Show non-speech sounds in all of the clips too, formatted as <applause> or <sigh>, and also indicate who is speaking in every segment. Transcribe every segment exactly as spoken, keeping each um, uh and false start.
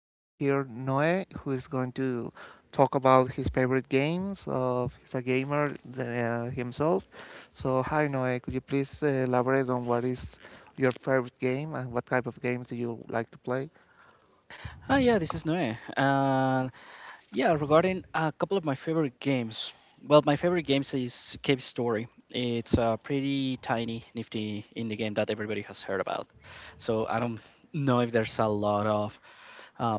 Speaker 1: we have here Noe, who is going to talk about his favorite games. Of he's a gamer uh, himself. So, hi, Noe. Could you please uh, elaborate on what is your favorite game and what type of games do you like to play?
Speaker 2: Hi, yeah, this is Noe. Uh, yeah, Regarding a couple of my favorite games. Well, my favorite games is Cave Story. It's a pretty tiny, nifty indie game that everybody has heard about. So I don't know if there's a lot of uh,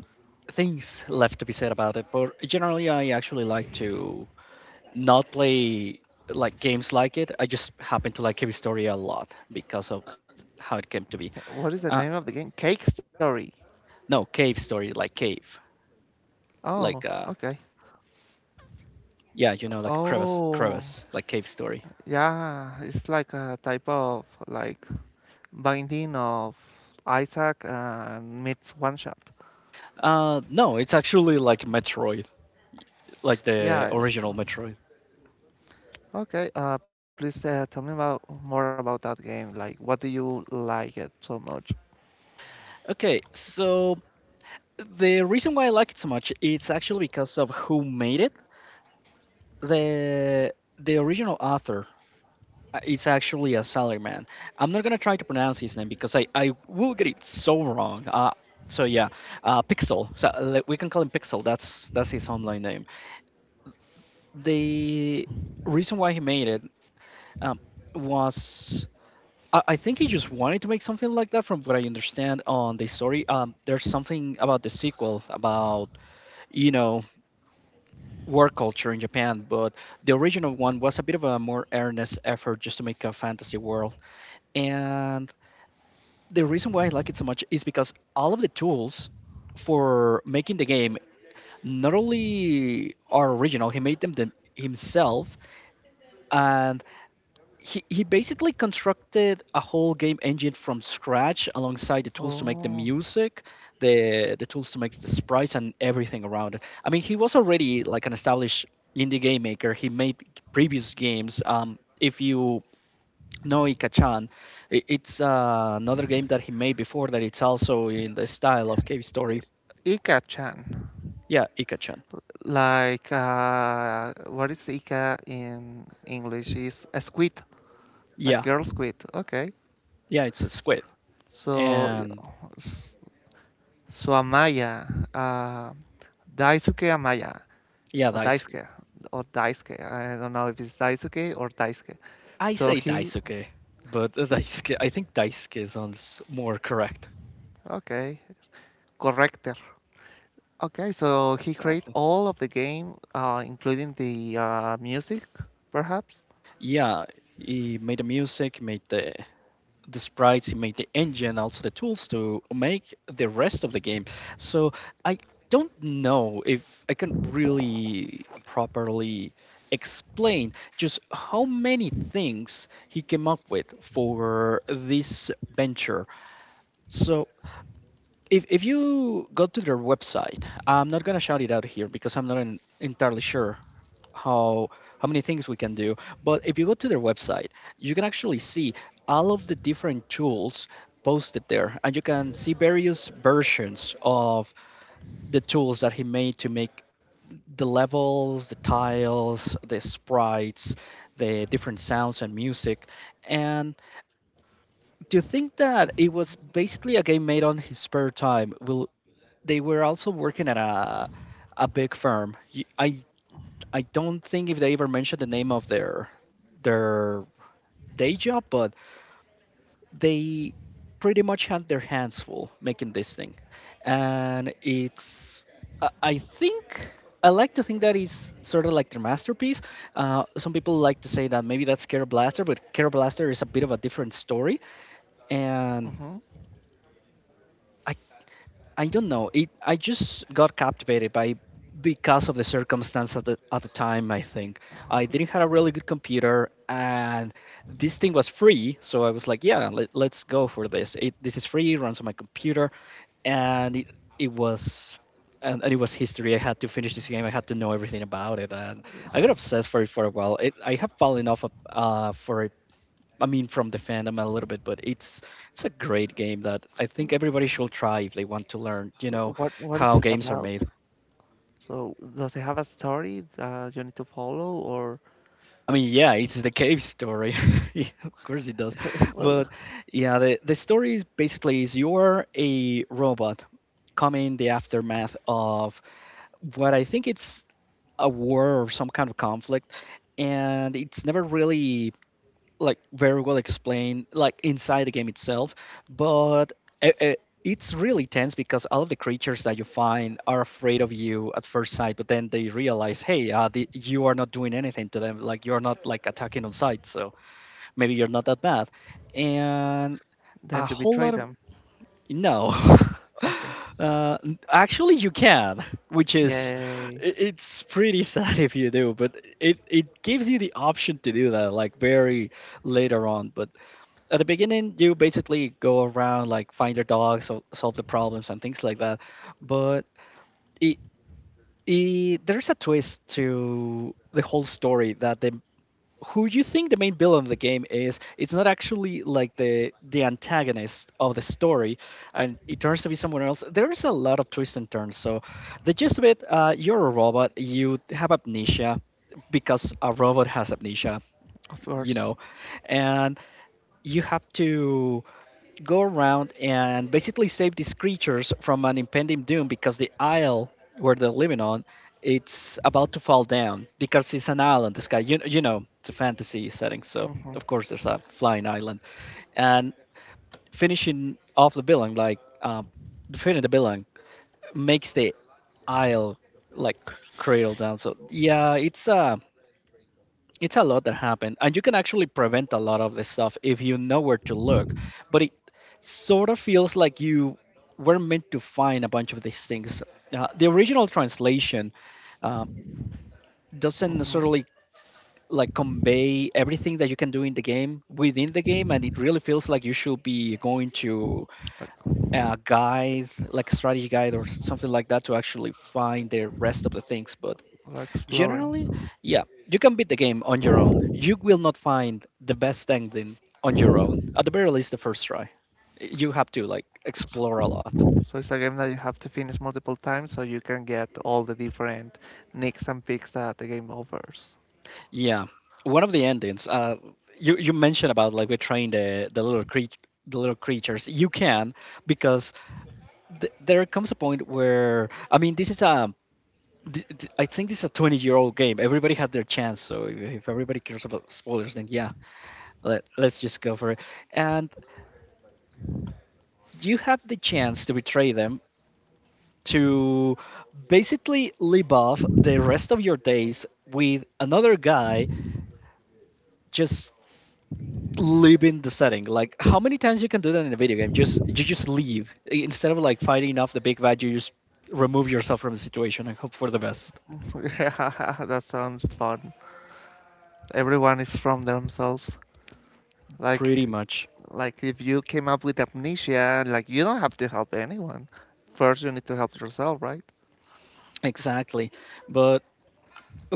Speaker 2: things left to be said about it. But generally, I actually like to not play like games like it. I just happen to like Cave Story a lot because of how it came to be.
Speaker 1: Uh, What is the
Speaker 2: Uh,
Speaker 1: name of the game? Cake Story.
Speaker 2: no, Cave Story, like cave, like
Speaker 1: Oh,
Speaker 2: uh,
Speaker 1: okay.
Speaker 2: yeah, you know, like a crevice,
Speaker 1: Oh,
Speaker 2: crevice, like cave story.
Speaker 1: yeah. It's like a type of like binding of Isaac and meets one shot.
Speaker 2: Uh, no, it's actually like Metroid, like the
Speaker 1: Yeah, it's
Speaker 2: original Metroid.
Speaker 1: okay. Uh, please uh, tell me about more about that game. Like, what do you like it so much?
Speaker 2: Okay, so the reason why I like it so much, it's actually because of who made it. The the original author uh, is actually a salaryman. I'm not gonna try to pronounce his name because I I will get it so wrong. Uh, so yeah, uh, Pixel. So like, we can call him Pixel. That's that's his online name. The reason why he made it um, was I I think he just wanted to make something like that, from what I understand on the story. Um, there's something about the sequel about you know work culture in Japan, but the original one was a bit of a more earnest effort just to make a fantasy world. And the reason why I like it so much is because all of the tools for making the game not only are original, he made them the, himself, and he, he basically constructed a whole game engine from scratch alongside the tools to make the
Speaker 1: Oh,
Speaker 2: music, the the tools to make the sprites and everything around it. I mean, he was already like an established indie game maker. He made previous games. Um, if you know Ika-chan, i- it's uh, another game that he made before that. It's also in the style of cave story.
Speaker 1: I- Ika-chan.
Speaker 2: Yeah, Ika-chan.
Speaker 1: Like, uh, what is Ika in English? Is a squid, like
Speaker 2: Yeah,
Speaker 1: girl squid. Okay,
Speaker 2: yeah, it's a squid.
Speaker 1: so
Speaker 2: And
Speaker 1: s- so Amaya, uh, Daisuke Amaya,
Speaker 2: yeah,
Speaker 1: or
Speaker 2: dice,
Speaker 1: Daisuke, or Daisuke. I don't know if it's Daisuke or Daisuke.
Speaker 2: I
Speaker 1: So
Speaker 2: say
Speaker 1: he
Speaker 2: Daisuke, but <laughs>
Speaker 1: he.
Speaker 2: Daisuke, I think Daisuke sounds more correct.
Speaker 1: Okay, corrector. Okay, so he created
Speaker 2: Exactly.
Speaker 1: all of the game, uh, including the uh, music, perhaps.
Speaker 2: Yeah, he made the music, he made the the sprites, he made the engine, also the tools to make the rest of the game. So I don't know if I can really properly explain just how many things he came up with for this venture. So if if you go to their website, I'm not gonna shout it out here because I'm not en- entirely sure how how many things we can do. But if you go to their website, you can actually see all of the different tools posted there, and you can see various versions of the tools that he made to make the levels, the tiles, the sprites, the different sounds and music, and to think that it was basically a game made on his spare time. Will they were also working at a a big firm. Y- I I don't think if they ever mentioned the name of their their day job, but they pretty much had their hands full making this thing, and it's I I think. I like to think that is sort of like their masterpiece. Uh, some people like to say that maybe that's Care Blaster, but Care Blaster is a bit of a different story.
Speaker 1: hmm
Speaker 2: And I I don't know. It I just got captivated by because of the circumstance at the at the time. I think I didn't have a really good computer, and this thing was free, so I was like, yeah, let, let's go for this. It this is free, it runs on my computer, and it it was. And, and it was history. I had to finish this game. I had to know everything about it, and I got obsessed for it for a while. It, I have fallen off of, uh, for it. I mean, from the fandom a little bit, but it's it's a great game that I think everybody should try if they want to learn, you
Speaker 1: So
Speaker 2: know,
Speaker 1: what what is
Speaker 2: how
Speaker 1: it
Speaker 2: games are
Speaker 1: about?
Speaker 2: made.
Speaker 1: So does it have a story that you need to follow, or
Speaker 2: I mean, yeah, it's the cave story. <laughs> Yeah, of course it does.
Speaker 1: <laughs> well,
Speaker 2: But yeah, the, the story is basically is you're a robot coming the aftermath of what I think it's a war or some kind of conflict, and it's never really like very well explained like inside the game itself. But uh, uh, it's really tense because all of the creatures that you find are afraid of you at first sight, but then they realize, hey, uh, the, you are not doing anything to them, like you're not like attacking on sight. So maybe you're not that bad, and a
Speaker 1: then you
Speaker 2: whole
Speaker 1: betray
Speaker 2: lot of
Speaker 1: them?
Speaker 2: no. <laughs>
Speaker 1: Okay.
Speaker 2: Uh, actually, you can, which is
Speaker 1: Yay!
Speaker 2: i- it's pretty <laughs> sad if you do, but it it gives you the option to do that like very later on. But at the beginning you basically go around like find your dog, so, solve the problems and things like that. But it, it, there's a twist to the whole story that the who you think the main villain of the game is, it's not actually like the the antagonist of the story, and it turns to be someone else. There's a lot of twists and turns. So the gist of it, uh, you're a robot, you have amnesia, because a robot has amnesia,
Speaker 1: Of
Speaker 2: you
Speaker 1: course.
Speaker 2: know, and you have to go around and basically save these creatures from an impending doom because the isle where they're living on, it's about to fall down because it's an island. This guy, you, you know it's a fantasy setting, so
Speaker 1: hmm
Speaker 2: of course there's a flying island. And finishing off the villain, like um, defeating the villain, makes the isle like cradle down. So yeah, it's uh it's a lot that happened, and you can actually prevent a lot of this stuff if you know where to look. But it sort of feels like you were meant to find a bunch of these things. Uh, the original translation uh, doesn't
Speaker 1: hmm
Speaker 2: necessarily like convey everything that you can do in the game within the game, and it really feels like you should be going to
Speaker 1: Like,
Speaker 2: a guide, like a strategy guide or something like that, to actually find the rest of the things. But
Speaker 1: like
Speaker 2: generally,
Speaker 1: exploring.
Speaker 2: yeah, you can beat the game on your own. You will not find the best ending on your own. At the very least, the first try. You have to like
Speaker 1: So,
Speaker 2: explore a lot.
Speaker 1: so it's a game that you have to finish multiple times so you can get all the different nicks and picks that the game offers.
Speaker 2: Yeah, one of the endings. Uh, you you mentioned about like we train the the little creature, the little creatures. You can because th- there comes a point where I mean this is a th- th- I think this is a twenty year old game. Everybody had their chance. So if, if everybody cares about spoilers, then yeah, let, let's just go for it. And you have the chance to betray them to basically live off the rest of your days with another guy, just leaving the setting. Like how many times you can do that in a video game? Just you just leave. I- instead of like fighting off the big bad, you just remove yourself from the situation and hope for the best.
Speaker 1: <laughs> Yeah, that sounds fun. Everyone is from themselves. Like
Speaker 2: Pretty much
Speaker 1: like if you came up with amnesia, like you don't have to help anyone. First you need to help yourself, right?
Speaker 2: exactly. But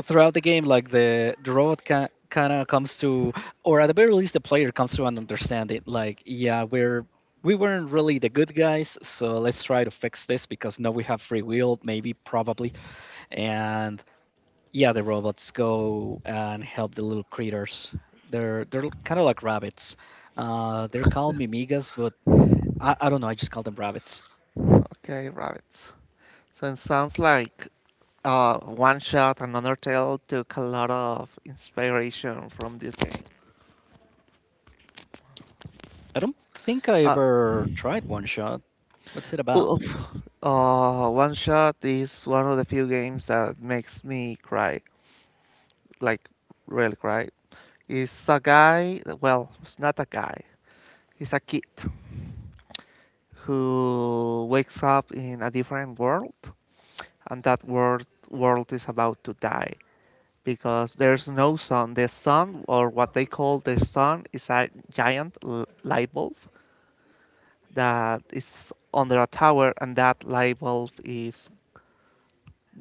Speaker 2: throughout the game, like the the robot ca- kind of comes to, or at the very least, the player comes to and an it. Like, yeah, we're we weren't really the good guys, so let's try to fix this because now we have free will, maybe, probably, and yeah, the robots go and help the little creatures. They're they're kind of like rabbits. Uh, they're called mimigas, but I, I don't know. I just call them rabbits.
Speaker 1: Okay, rabbits. So it sounds like uh, One Shot and Undertale took a lot of inspiration from this game.
Speaker 2: I don't think I
Speaker 1: Uh,
Speaker 2: ever tried one shot. What's it about?
Speaker 1: Oof. Uh, One Shot is one of the few games that makes me cry, like really cry. It's a guy, well, it's not a guy, it's a kid who wakes up in a different world, and that world world is about to die because there's no sun. The sun, or what they call the sun, is a giant l- light bulb that is under a tower, and that light bulb is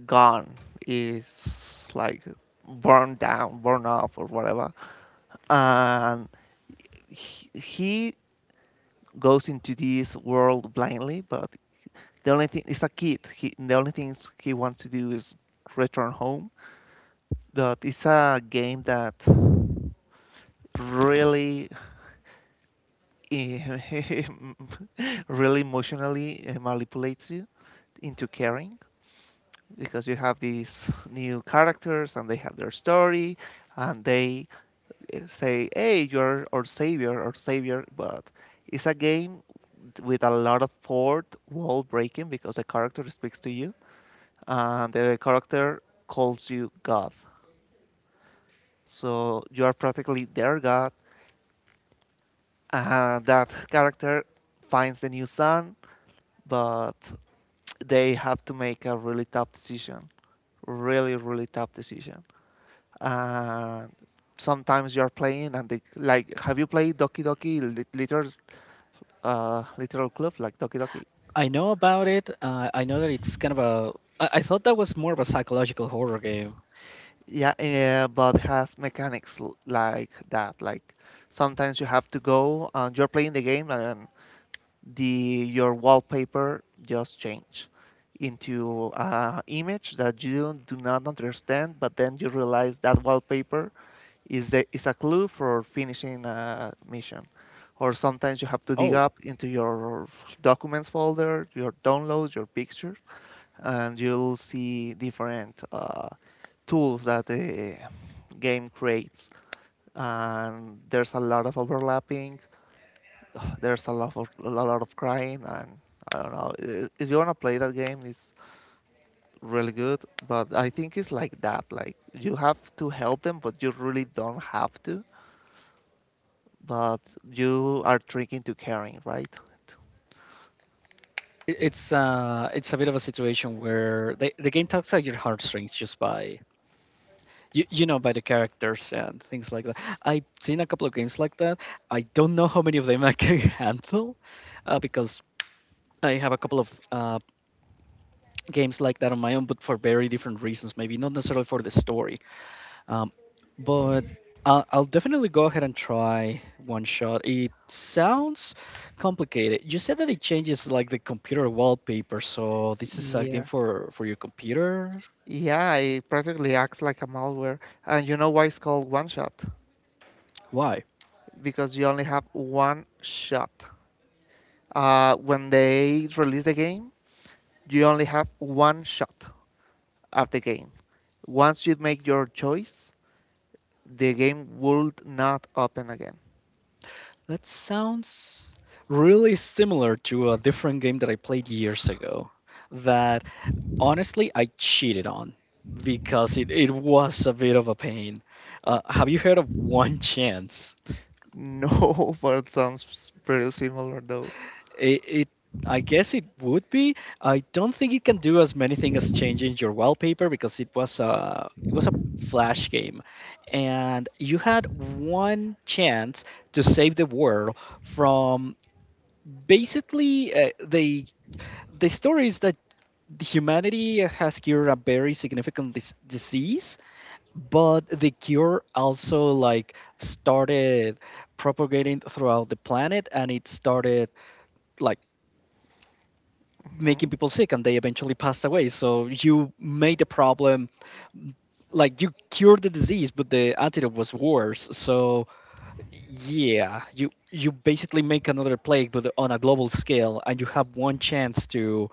Speaker 1: gone. Is like burned down, burned off, or whatever. And he, he goes into this world blindly, but the only thing is a kid. He, the only things he wants to do is return home. But it's a game that really, <laughs> really emotionally eh, manipulates you into caring because you have these new characters and they have their story and they eh, say, "Hey, you're our savior, our savior." But it's a game with a lot of fourth wall breaking because the character speaks to you and the character calls you God. So you are practically their God, and that character finds the new sun, but they have to make a really tough decision. Really, really tough decision. And sometimes you're playing, and they, like, have you played Doki Doki Literal, uh, Literal Club, like Doki Doki?
Speaker 2: I know about it. Uh, I know that it's kind of a. I I thought that was more of a psychological horror game.
Speaker 1: Yeah, yeah, but it has mechanics like that. Like sometimes you have to go and you're playing the game and the your wallpaper just change into an image that you do not understand, but then you realize that wallpaper is a, is a clue for finishing a mission. Or sometimes you have to dig
Speaker 2: Oh,
Speaker 1: up into your documents folder, your downloads, your pictures, and you'll see different uh, tools that the game creates. And there's a lot of overlapping <sighs> there's a lot of a lot of crying and I don't know. I- If you wanna play that game, it's really good, but I think it's like that. Like you have to help them, but you really don't have to. But you are tricking to caring, right?
Speaker 2: I- it's uh, it's a bit of a situation where the the game tugs at your heartstrings just by you, you know by the characters and things like that. I've seen a couple of games like that. I don't know how many of them I can <laughs> handle, uh, because I have a couple of uh, games like that on my own, but for very different reasons. Maybe not necessarily for the story, um, but I'll, I'll definitely go ahead and try one shot. It sounds complicated. You said that it changes like the computer wallpaper, so this is a game
Speaker 1: Yeah.
Speaker 2: for for your computer.
Speaker 1: Yeah, it practically acts like a malware. And you know why it's called one shot?
Speaker 2: Why?
Speaker 1: Because you only have one shot. Uh, when they release the game, you only have one shot at the game. Once you make your choice, the game would not open again.
Speaker 2: That sounds really similar to a different game that I played years ago. That honestly I cheated on because it, it was a bit of a pain. Uh, have you heard of One Chance?
Speaker 1: No, <laughs> but it sounds pretty similar though.
Speaker 2: It, it I guess it would be. I don't think it can do as many things as changing your wallpaper because it was a it was a flash game, and you had one chance to save the world from basically uh, the the story is that humanity has cured a very significant dis- disease, but the cure also like started propagating throughout the planet, and it started like making
Speaker 1: hmm
Speaker 2: people sick and they eventually passed away. So you made the problem like you cured the disease but the antidote was worse. So yeah, you you basically make another plague but on a global scale and you have one chance to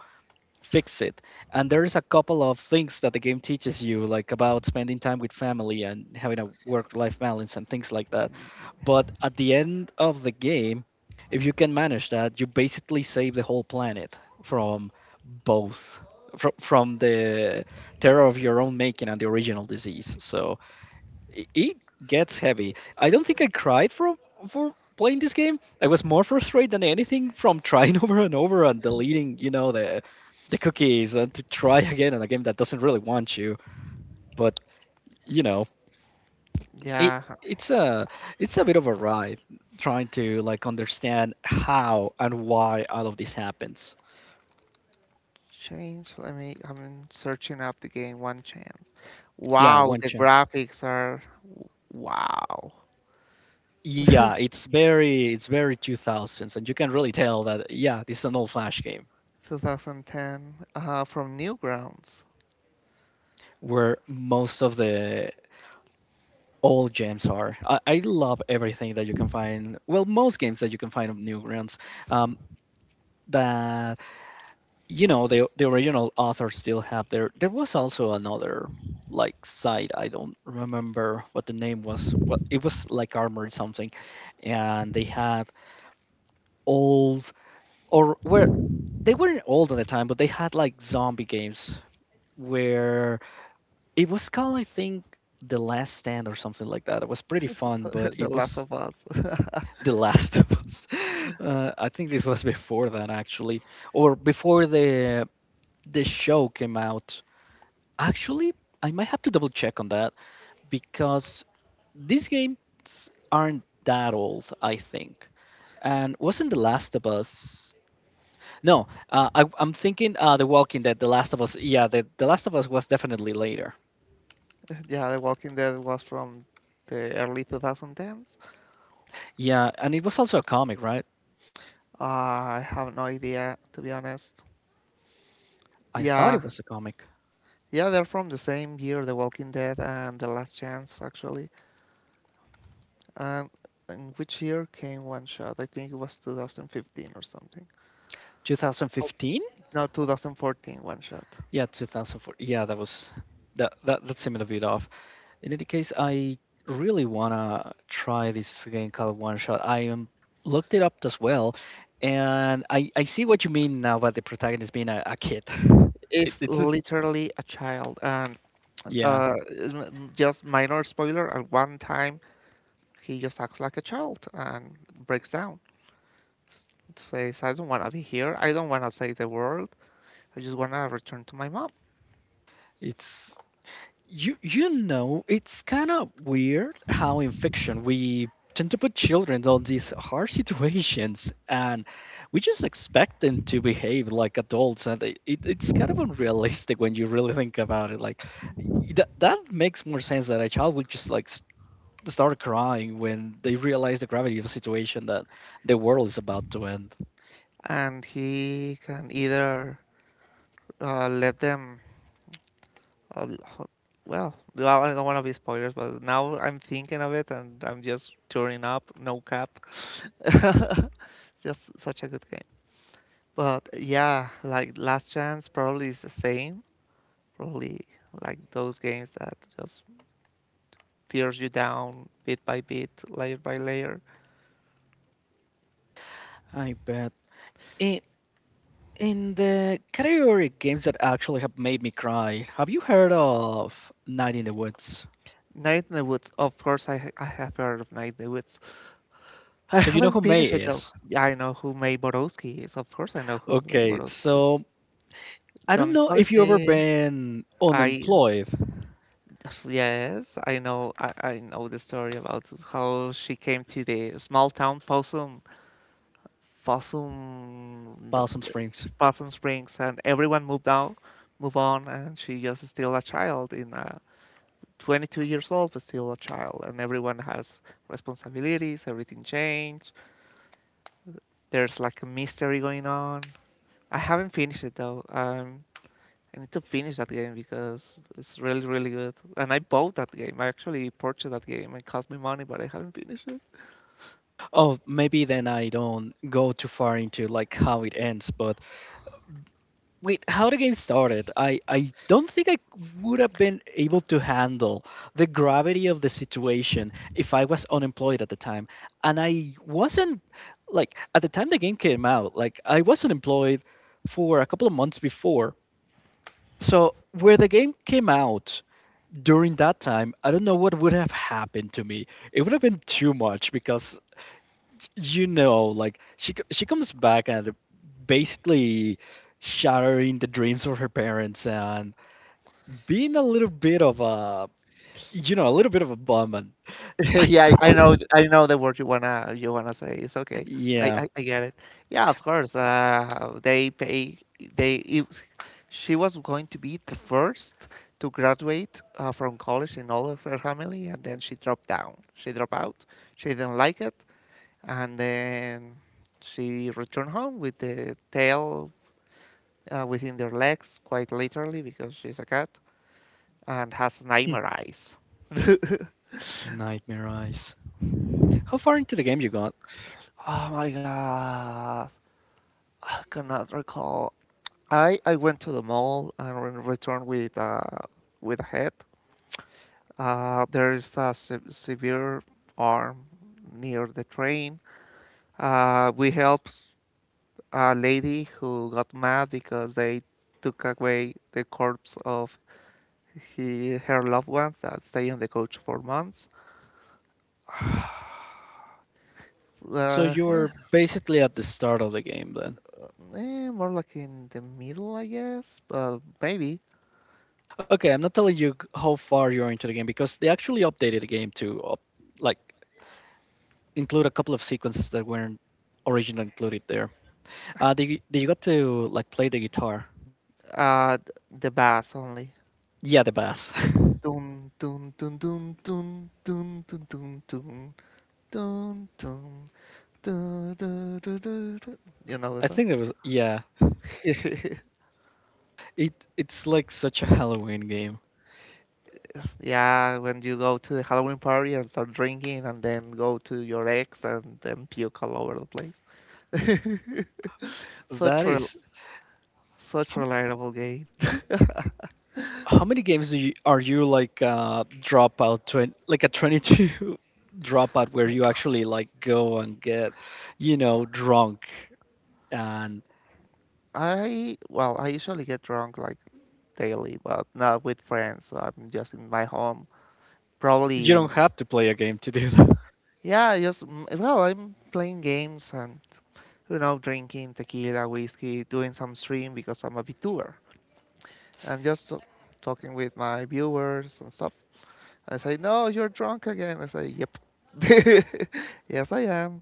Speaker 2: fix it. And there's a couple of things that the game teaches you, like about spending time with family and having a work life balance and things like that. But at the end of the game, if you can manage that, you basically save the whole planet from both. fro- From the terror of your own making and the original disease. So i- it gets heavy. I don't think I cried for for playing this game. I was more frustrated than anything from trying <laughs> over and over and deleting, you know, the the cookies and to try <laughs> again on a game that doesn't really want you. But you know, it
Speaker 1: Yeah,
Speaker 2: it's a it's a bit of a ride trying to like understand how and why all of this happens.
Speaker 1: change. Let me. I'm searching up the game. One chance.
Speaker 2: Yeah,
Speaker 1: Wow,
Speaker 2: one
Speaker 1: the
Speaker 2: chance.
Speaker 1: graphics are wow.
Speaker 2: Yeah,
Speaker 1: <laughs>
Speaker 2: it's very it's very two thousands and you can really tell that yeah, this is an old flash game
Speaker 1: twenty ten uh, from Newgrounds,
Speaker 2: where most of the all games are. I, I love everything that you can find. Well, most games that you can find of Newgrounds. Um, that you know the the original authors still have their. There was also another like site. I don't remember what the name was. What it was like armored something, and they had old or where they weren't old at the time, but they had like zombie games where it was called I think the last stand or something like that. It was pretty fun, but
Speaker 1: <laughs> The
Speaker 2: it
Speaker 1: Last
Speaker 2: was
Speaker 1: of Us. <laughs>
Speaker 2: The Last of Us. <laughs> Uh, I think this was before that actually, or before the the show came out. Actually, I might have to double check on that because these games aren't that old, I think. And wasn't The Last of Us? No, uh, I, I'm thinking uh, The Walking Dead, The Last of Us. Yeah, the, the Last of Us was definitely later.
Speaker 1: Yeah, The Walking Dead was from the early two thousand tens.
Speaker 2: Yeah, and it was also a comic, right?
Speaker 1: Uh, I have no idea, to be honest.
Speaker 2: I thought
Speaker 1: Yeah,
Speaker 2: it was a comic.
Speaker 1: yeah, they're from the same year, The Walking Dead and The Last Chance, actually. And in which year came One Shot? I think it was twenty fifteen or something. For-
Speaker 2: twenty fifteen?
Speaker 1: No, two thousand fourteen One Shot.
Speaker 2: Yeah, two thousand four. Yeah, that was that that that seemed a bit off. In any case, I really wanna try this game called One Shot. I um, looked it up as well, and I I see what you mean now about the protagonist being a, a kid. <laughs> It,
Speaker 1: Is
Speaker 2: it's
Speaker 1: literally a child, and
Speaker 2: yeah,
Speaker 1: uh, m- just minor spoiler. At one time, he just acts like a child and breaks down. S- Says, "I don't want to be here. I don't want to save the world. I just want to return to my mom."
Speaker 2: it's You you know, it's kind of weird how in fiction we tend to put children on these hard <laughs> situations and we just expect them to behave like adults and it, it, it's kind of unrealistic when you really think about it like that, that makes more sense that a child would just like s- start crying when they realize the gravity of the situation that the world is about to end.
Speaker 1: And he can either uh, let them. Uh, l- well, no, I don't want to be spoilers, but now I'm thinking of it and I'm just tearing up, no cap. <laughs> Just such a good game. But yeah, like Last Chance probably is the same. Probably like those games that just tears you down bit by bit, layer by layer.
Speaker 2: I bet. In the category games that actually have made me cry, have you heard of Night in the Woods?
Speaker 1: Night in the Woods, of course, I, ha- I have heard of Night in the Woods. I
Speaker 2: So you know who
Speaker 1: haven't
Speaker 2: May
Speaker 1: finished it though.
Speaker 2: is.
Speaker 1: Yeah, I know who May Borowski is. Of course, I know who May
Speaker 2: Okay,
Speaker 1: Borowski is.
Speaker 2: so I don't
Speaker 1: Don't
Speaker 2: know
Speaker 1: spoil
Speaker 2: if you ever
Speaker 1: me.
Speaker 2: been
Speaker 1: I
Speaker 2: unemployed.
Speaker 1: Yes, I know. I, I know the story about how she came to the small town Possum, Possum,
Speaker 2: Balsam Springs.
Speaker 1: Possum Springs, and everyone moved out, move on, and she just is still a child in uh twenty-two years old, but still a child, and everyone has responsibilities. Everything changed. There's like a mystery going on. I haven't finished it though. Um, I need to finish that game because it's really, really good. And I bought that game. I actually purchased that game. It cost me money, but I haven't finished it.
Speaker 2: Oh, maybe then I don't go too far into like how it ends, but wait, how the game started? I I don't think I would have been able to handle the gravity of the situation if I was unemployed at the time. And I wasn't like at the time the game came out, like I was unemployed for a couple of months before. So where the game came out during that time, I don't know what would have happened to me. It would have been too much because you know like she co- she comes back and basically shattering the dreams of her parents and being a little bit of a you know a little bit of a bum and
Speaker 1: <laughs>
Speaker 2: <laughs> I
Speaker 1: Yeah, I I know.
Speaker 2: don't-
Speaker 1: I know the word you wanna you wanna say. It's okay. I,
Speaker 2: yeah.
Speaker 1: I, I get it. Yeah, of course. Uh, they pay. They. It, she was going to be the first to graduate uh, from college in all of her family, and then she dropped down. She dropped out. She didn't like it, and then she returned home with the tail uh, within their legs, quite literally, because she's a cat and has
Speaker 2: <laughs> Hmm.
Speaker 1: nightmare eyes. <laughs>
Speaker 2: Nightmare eyes. How far into the game you got?
Speaker 1: Oh my God, I cannot recall. I I went to the mall and returned with uh with a head. Uh, there is a se- severe arm near the train. Uh, we helped a lady who got mad because they took away the corpse of he her loved ones that stay on the coach for months.
Speaker 2: So
Speaker 1: Uh,
Speaker 2: you're
Speaker 1: yeah,
Speaker 2: basically at the start of the game then.
Speaker 1: eh, more like in the middle, I guess. Uh, maybe.
Speaker 2: Okay, I'm not telling you g- how far you're into the game because they actually updated the game to up, like include a couple of sequences that weren't originally included there. Uh, did you, did you got to like play the guitar?
Speaker 1: Uh, th- the bass only.
Speaker 2: Yeah, the bass. <laughs>
Speaker 1: Dun dun dun dun dun dun dun dun dun dun dun dun dun dun dun. Dun. You know the
Speaker 2: I
Speaker 1: song?
Speaker 2: think there was, yeah.
Speaker 1: <laughs>
Speaker 2: It it's like such a Halloween game.
Speaker 1: Yeah, when you go to the Halloween party and start drinking, and then go to your ex and then puke all over the place. <laughs> Such
Speaker 2: That
Speaker 1: rel
Speaker 2: is.
Speaker 1: such
Speaker 2: how,
Speaker 1: reliable game.
Speaker 2: how many games do you are you like uh dropout twen like a twenty-two <laughs> dropout where you actually like go and get you know drunk and
Speaker 1: <laughs> I well, I usually get drunk, like, daily, but not with friends. So I'm just in my home.
Speaker 2: you
Speaker 1: Probably,
Speaker 2: don't have to play a game to do that. <laughs>
Speaker 1: yeah, just mm, well, I'm playing games and you know, drinking tequila, whiskey, doing some stream because I'm a VTuber, and just uh, talking with my viewers and stuff. I say, no, you're drunk again. I say, yep. <laughs> Yes, I am.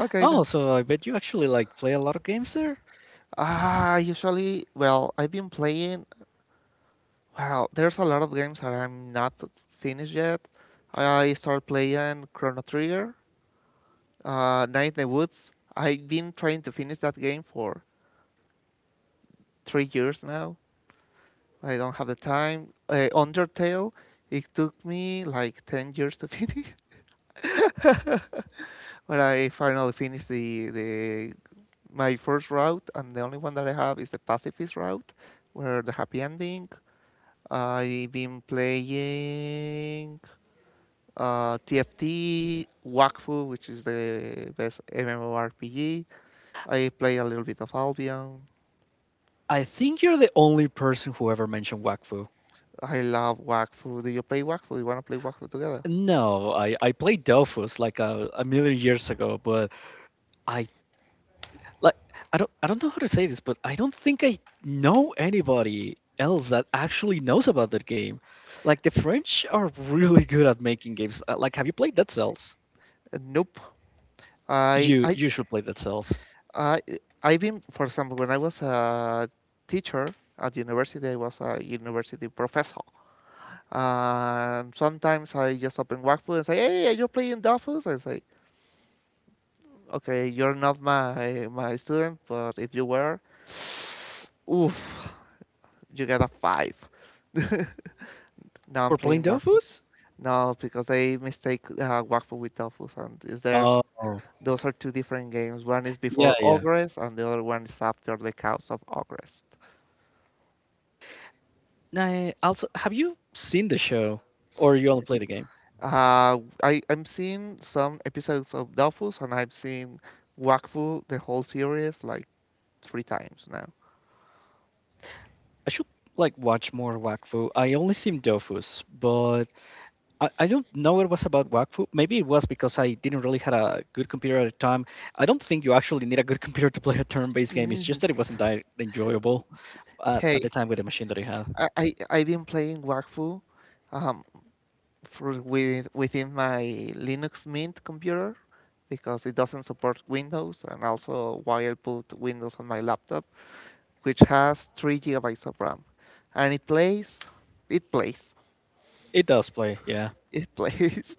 Speaker 1: Okay
Speaker 2: Oh,
Speaker 1: then.
Speaker 2: so I bet you actually like play a lot of games there.
Speaker 1: Ah, usually, well, I've been playing. Well, there's a lot of games that I'm not finished yet. I start playing Chrono Trigger. Uh, Night in the Woods. I've been trying to finish that game for three years now. I don't have the time. Uh, Undertale, it took me like ten years to finish. <laughs> But I finally finished the, the my first route, and the only one that I have is the pacifist route, where the happy ending. I've been playing uh, T F T, Wakfu, which is the best MMORPG. I play a little bit of Albion.
Speaker 2: I think you're the only person who ever mentioned Wakfu.
Speaker 1: I love Wakfu. Do you play Wakfu? You wanna play Wakfu together?
Speaker 2: No, I I played Dofus like a, a million years ago, but I like I don't I don't know how to say this, but I don't think I know anybody else that actually knows about that game. Like the French are really good at making games. Uh, Like, have you played Dead Cells?
Speaker 1: Uh, nope. I
Speaker 2: You
Speaker 1: I
Speaker 2: you should play Dead Cells
Speaker 1: I I've been, for example, when I was a teacher at university, I was a university professor, and sometimes I just open Wakfu and say, "Hey, you're playing Dofus," and say, "Okay, you're not my my student, but if you were, <sighs> oof, you get a five. <laughs> Now
Speaker 2: for
Speaker 1: I'm
Speaker 2: playing
Speaker 1: playing Wakfu.
Speaker 2: Dofus.
Speaker 1: No, because they mistake uh, Wakfu with Dofus, and is there.
Speaker 2: Oh,
Speaker 1: Those are two different games. One is
Speaker 2: yeah,
Speaker 1: before
Speaker 2: yeah.
Speaker 1: Ogres, and the other one is after the Chaos of Ogres.
Speaker 2: I also, have you seen the show or you only play the game?
Speaker 1: Uh, I, I'm seeing some episodes of Dofus, and I've seen Wakfu, the whole series, like three times now.
Speaker 2: I should like watch more Wakfu. I only seen Dofus, but I, I don't know it was about Wakfu. Maybe it was because I didn't really had a good computer at the time. I don't think you actually need a good <laughs> computer to play a turn-based game. It's
Speaker 1: Mm,
Speaker 2: just that it wasn't that enjoyable at, at the
Speaker 1: Hey,
Speaker 2: time with the machine that I had.
Speaker 1: I, I, I've been playing Wakfu um, for with, within my Linux Mint computer because it doesn't support Windows, and also while I put Windows on my laptop which has three gigabytes of RAM. And it plays, it plays,
Speaker 2: It does play, yeah.
Speaker 1: it <laughs> plays.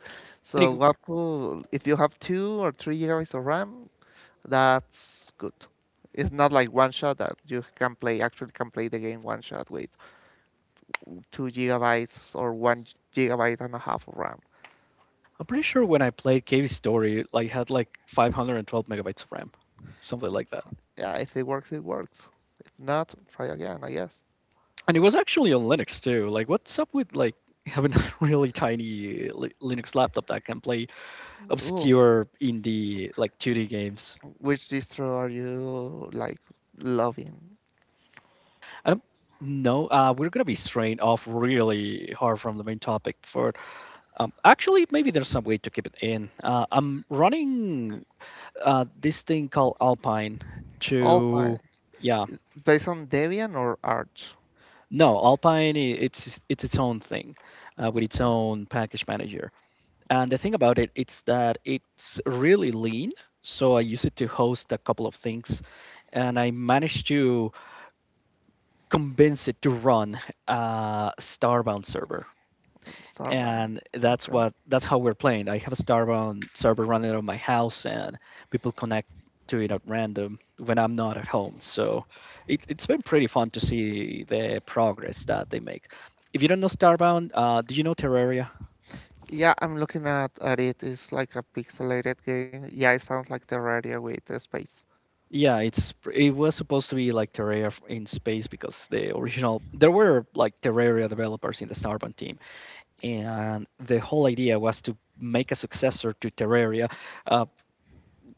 Speaker 2: I
Speaker 1: So
Speaker 2: think-
Speaker 1: what cool, if you have two or three gigabytes of RAM, that's good. It's not like one shot that you can play, actually can play the game one shot with two gigabytes or one gigabyte and a half of RAM.
Speaker 2: I'm pretty sure when I played Cave Story, like had like five hundred twelve megabytes of RAM, something like that.
Speaker 1: Yeah, if it works, it works. If not, try again, I guess.
Speaker 2: And it was actually on Linux too. Like, what's up with like having a <laughs> really tiny li- Linux laptop that can play
Speaker 1: Ooh,
Speaker 2: obscure indie like two D games?
Speaker 1: which distro are you like loving?
Speaker 2: Um, no, uh, we're gonna be straying off really hard from the main topic. For um, actually, maybe there's some way to keep it in. Uh, I'm running uh, this thing called Alpine
Speaker 1: All time.
Speaker 2: to, yeah,
Speaker 1: It's based on Debian or Arch?
Speaker 2: no, Alpine i- it's it's its own thing uh, with its
Speaker 1: Okay,
Speaker 2: own package manager. And the thing about it, it's that it's really lean. So I use it to host a couple of things, and I managed to convince it to run a Starbound server,
Speaker 1: Starbound.
Speaker 2: and that's
Speaker 1: Okay.
Speaker 2: what that's how we're playing. I have a Starbound server running out of my house, and people connect to it at random when I'm not at home. So it, it's been pretty fun to see the progress that they make. If you don't know Starbound, uh, do you know Terraria?
Speaker 1: Yeah, I'm looking at, at it. It's like a pixelated game. Yeah, it sounds like Terraria with the space.
Speaker 2: Yeah, it's it was supposed to be like Terraria in space because the original there were like Terraria developers in the Starbound team, and the whole idea was to make a successor to Terraria, uh,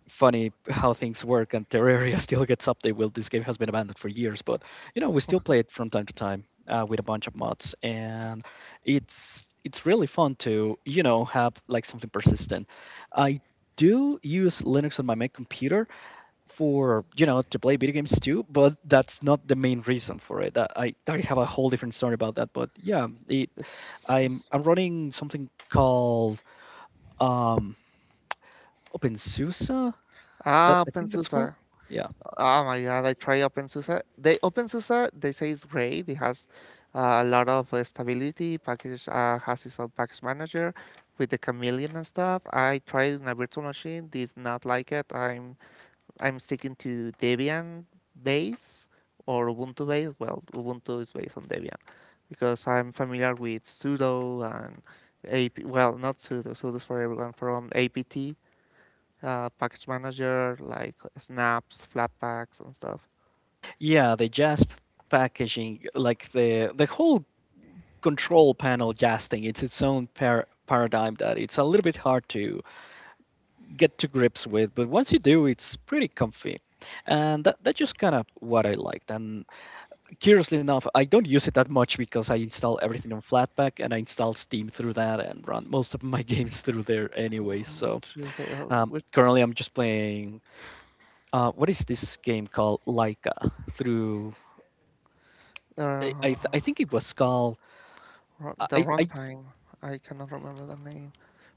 Speaker 2: funny how things work, and Terraria <laughs> still gets update. Well, this game has been abandoned for years, but you know we still play it from time to time uh, with a bunch of mods, and it's it's really fun to you know have like something persistent. I do use Linux on my main computer for you know to play video games too, but that's not the main reason for it. Uh, I I have a whole different story about that, but yeah, it
Speaker 1: It's,
Speaker 2: I'm
Speaker 1: it's-
Speaker 2: I'm running something called um OpenSUSE. That
Speaker 1: ah,
Speaker 2: I think that's called.
Speaker 1: OpenSUSE.
Speaker 2: Yeah.
Speaker 1: Oh my God, I try OpenSUSE. They, OpenSUSE, they say it's great. It has uh, a lot of uh, stability. Package uh, has its own package manager with the chameleon and stuff. I tried in a virtual machine, did not like it. I'm I'm sticking to Debian base or Ubuntu base. Well, Ubuntu is based on Debian, because I'm familiar with sudo and A P, well, not sudo, sudo's for everyone, from A P T, uh, package manager, like snaps, flatpaks, and stuff.
Speaker 2: Yeah, the J A S P packaging, like the the whole control panel J A S thing, it's its own par- paradigm that it's a little bit hard to get to grips with, but once you do, it's pretty comfy. And that, that's just kind of what I liked. And curiously enough, I don't use it that much because I install everything on Flatpak and I install Steam through that and run most of my <laughs> games through there anyway. So
Speaker 1: Choose the, uh,
Speaker 2: um,
Speaker 1: which,
Speaker 2: currently I'm just playing, uh, what is this game called? Laika through
Speaker 1: uh,
Speaker 2: I, I th- I think it was called
Speaker 1: the
Speaker 2: I, I
Speaker 1: runtime, I cannot remember the name.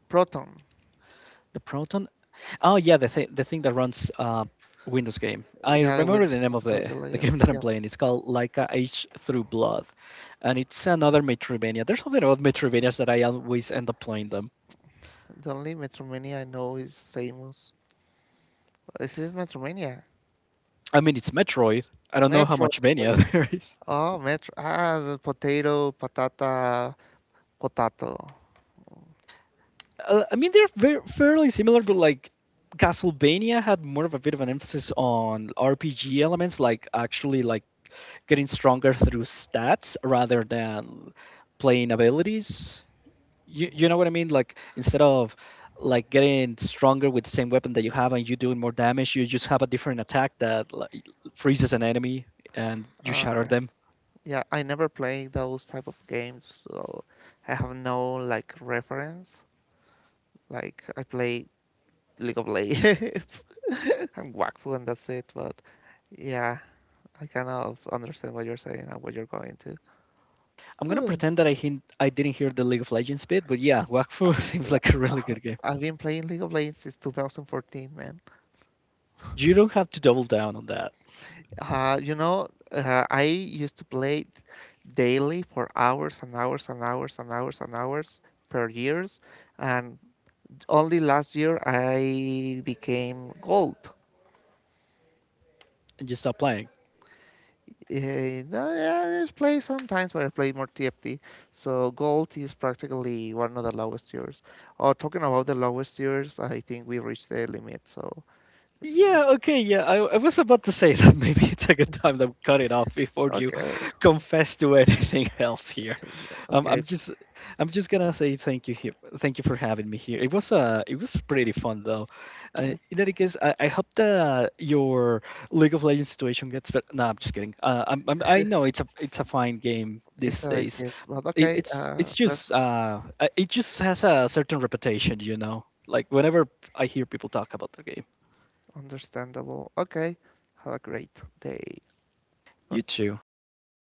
Speaker 1: Proton,
Speaker 2: the Proton. Oh yeah, the thing the thing that runs uh, Windows game. I
Speaker 1: yeah, with
Speaker 2: remember the name of the,
Speaker 1: compatibility
Speaker 2: the <laughs>
Speaker 1: layer,
Speaker 2: game that I'm
Speaker 1: yep.
Speaker 2: playing. It's called Laika Age Through Blood, and it's another Metroidvania. There's something about Metroidvanias that I always end up playing them.
Speaker 1: The only Metromania I know is Samus. Is this Metromania?
Speaker 2: I mean, it's Metroid. I don't know how
Speaker 1: Metro.
Speaker 2: much Vania <laughs> there is.
Speaker 1: Oh, Metro. Ah, the potato, patata, potato.
Speaker 2: Uh, I mean, they're very, fairly similar, but like Castlevania had more of a bit of an emphasis on R P G elements, like actually like getting stronger through stats rather than playing abilities. You, you know what
Speaker 1: Mhm.
Speaker 2: I mean? Like instead of like getting stronger with the same weapon that you have and you doing more damage, you just have a different attack that like freezes an enemy and you shatter
Speaker 1: Okay.
Speaker 2: them.
Speaker 1: Yeah, I never play those type of games, so I have no like reference. Like I play League of Legends. <laughs> I'm Wakfu and that's it, but yeah, I kind of understand what you're saying and what you're going to.
Speaker 2: I'm gonna
Speaker 1: Ugh.
Speaker 2: pretend that I hint, I didn't hear the League of Legends bit, but yeah, Wakfu <laughs>
Speaker 1: <sighs>
Speaker 2: seems
Speaker 1: L-
Speaker 2: like a really
Speaker 1: uh,
Speaker 2: good game.
Speaker 1: I've been playing League of Legends since twenty fourteen, man.
Speaker 2: You don't have to double down on that
Speaker 1: Uh, you know, uh, I used to play it daily for hours and hours and hours and hours and hours per years, and only last year I became gold.
Speaker 2: and just stop playing.
Speaker 1: Eh, no, yeah, I just play sometimes, but I play more T F T. So gold is practically one of the lowest tiers. Oh, talking about the lowest tiers, I think we reached the limit. So
Speaker 2: Yeah, okay, yeah. I, I was about to say that <laughs> maybe it's a good time to cut it off before you
Speaker 1: okay,
Speaker 2: <laughs>
Speaker 1: well,
Speaker 2: confess to anything <laughs> else here.
Speaker 1: <laughs>
Speaker 2: Um, I'm
Speaker 1: okay,
Speaker 2: just I'm just gonna say thank you here. Thank you for having me here. It was uh it was pretty fun though. Uh, in any case, I, I hope that uh, your League of Legends situation gets better. No, I'm just kidding. Uh, I'm, I'm I
Speaker 1: <laughs>
Speaker 2: know it's a it's a fine game
Speaker 1: it's
Speaker 2: these days.
Speaker 1: selective, but
Speaker 2: It,
Speaker 1: okay,
Speaker 2: it's
Speaker 1: uh,
Speaker 2: it's
Speaker 1: that's
Speaker 2: just uh uh, it just has a certain reputation, you know. Like whenever I hear people talk about the game.
Speaker 1: understandable. Okay, have a great day.
Speaker 2: You
Speaker 1: Gon-
Speaker 2: too. Stay safe.
Speaker 1: Gonna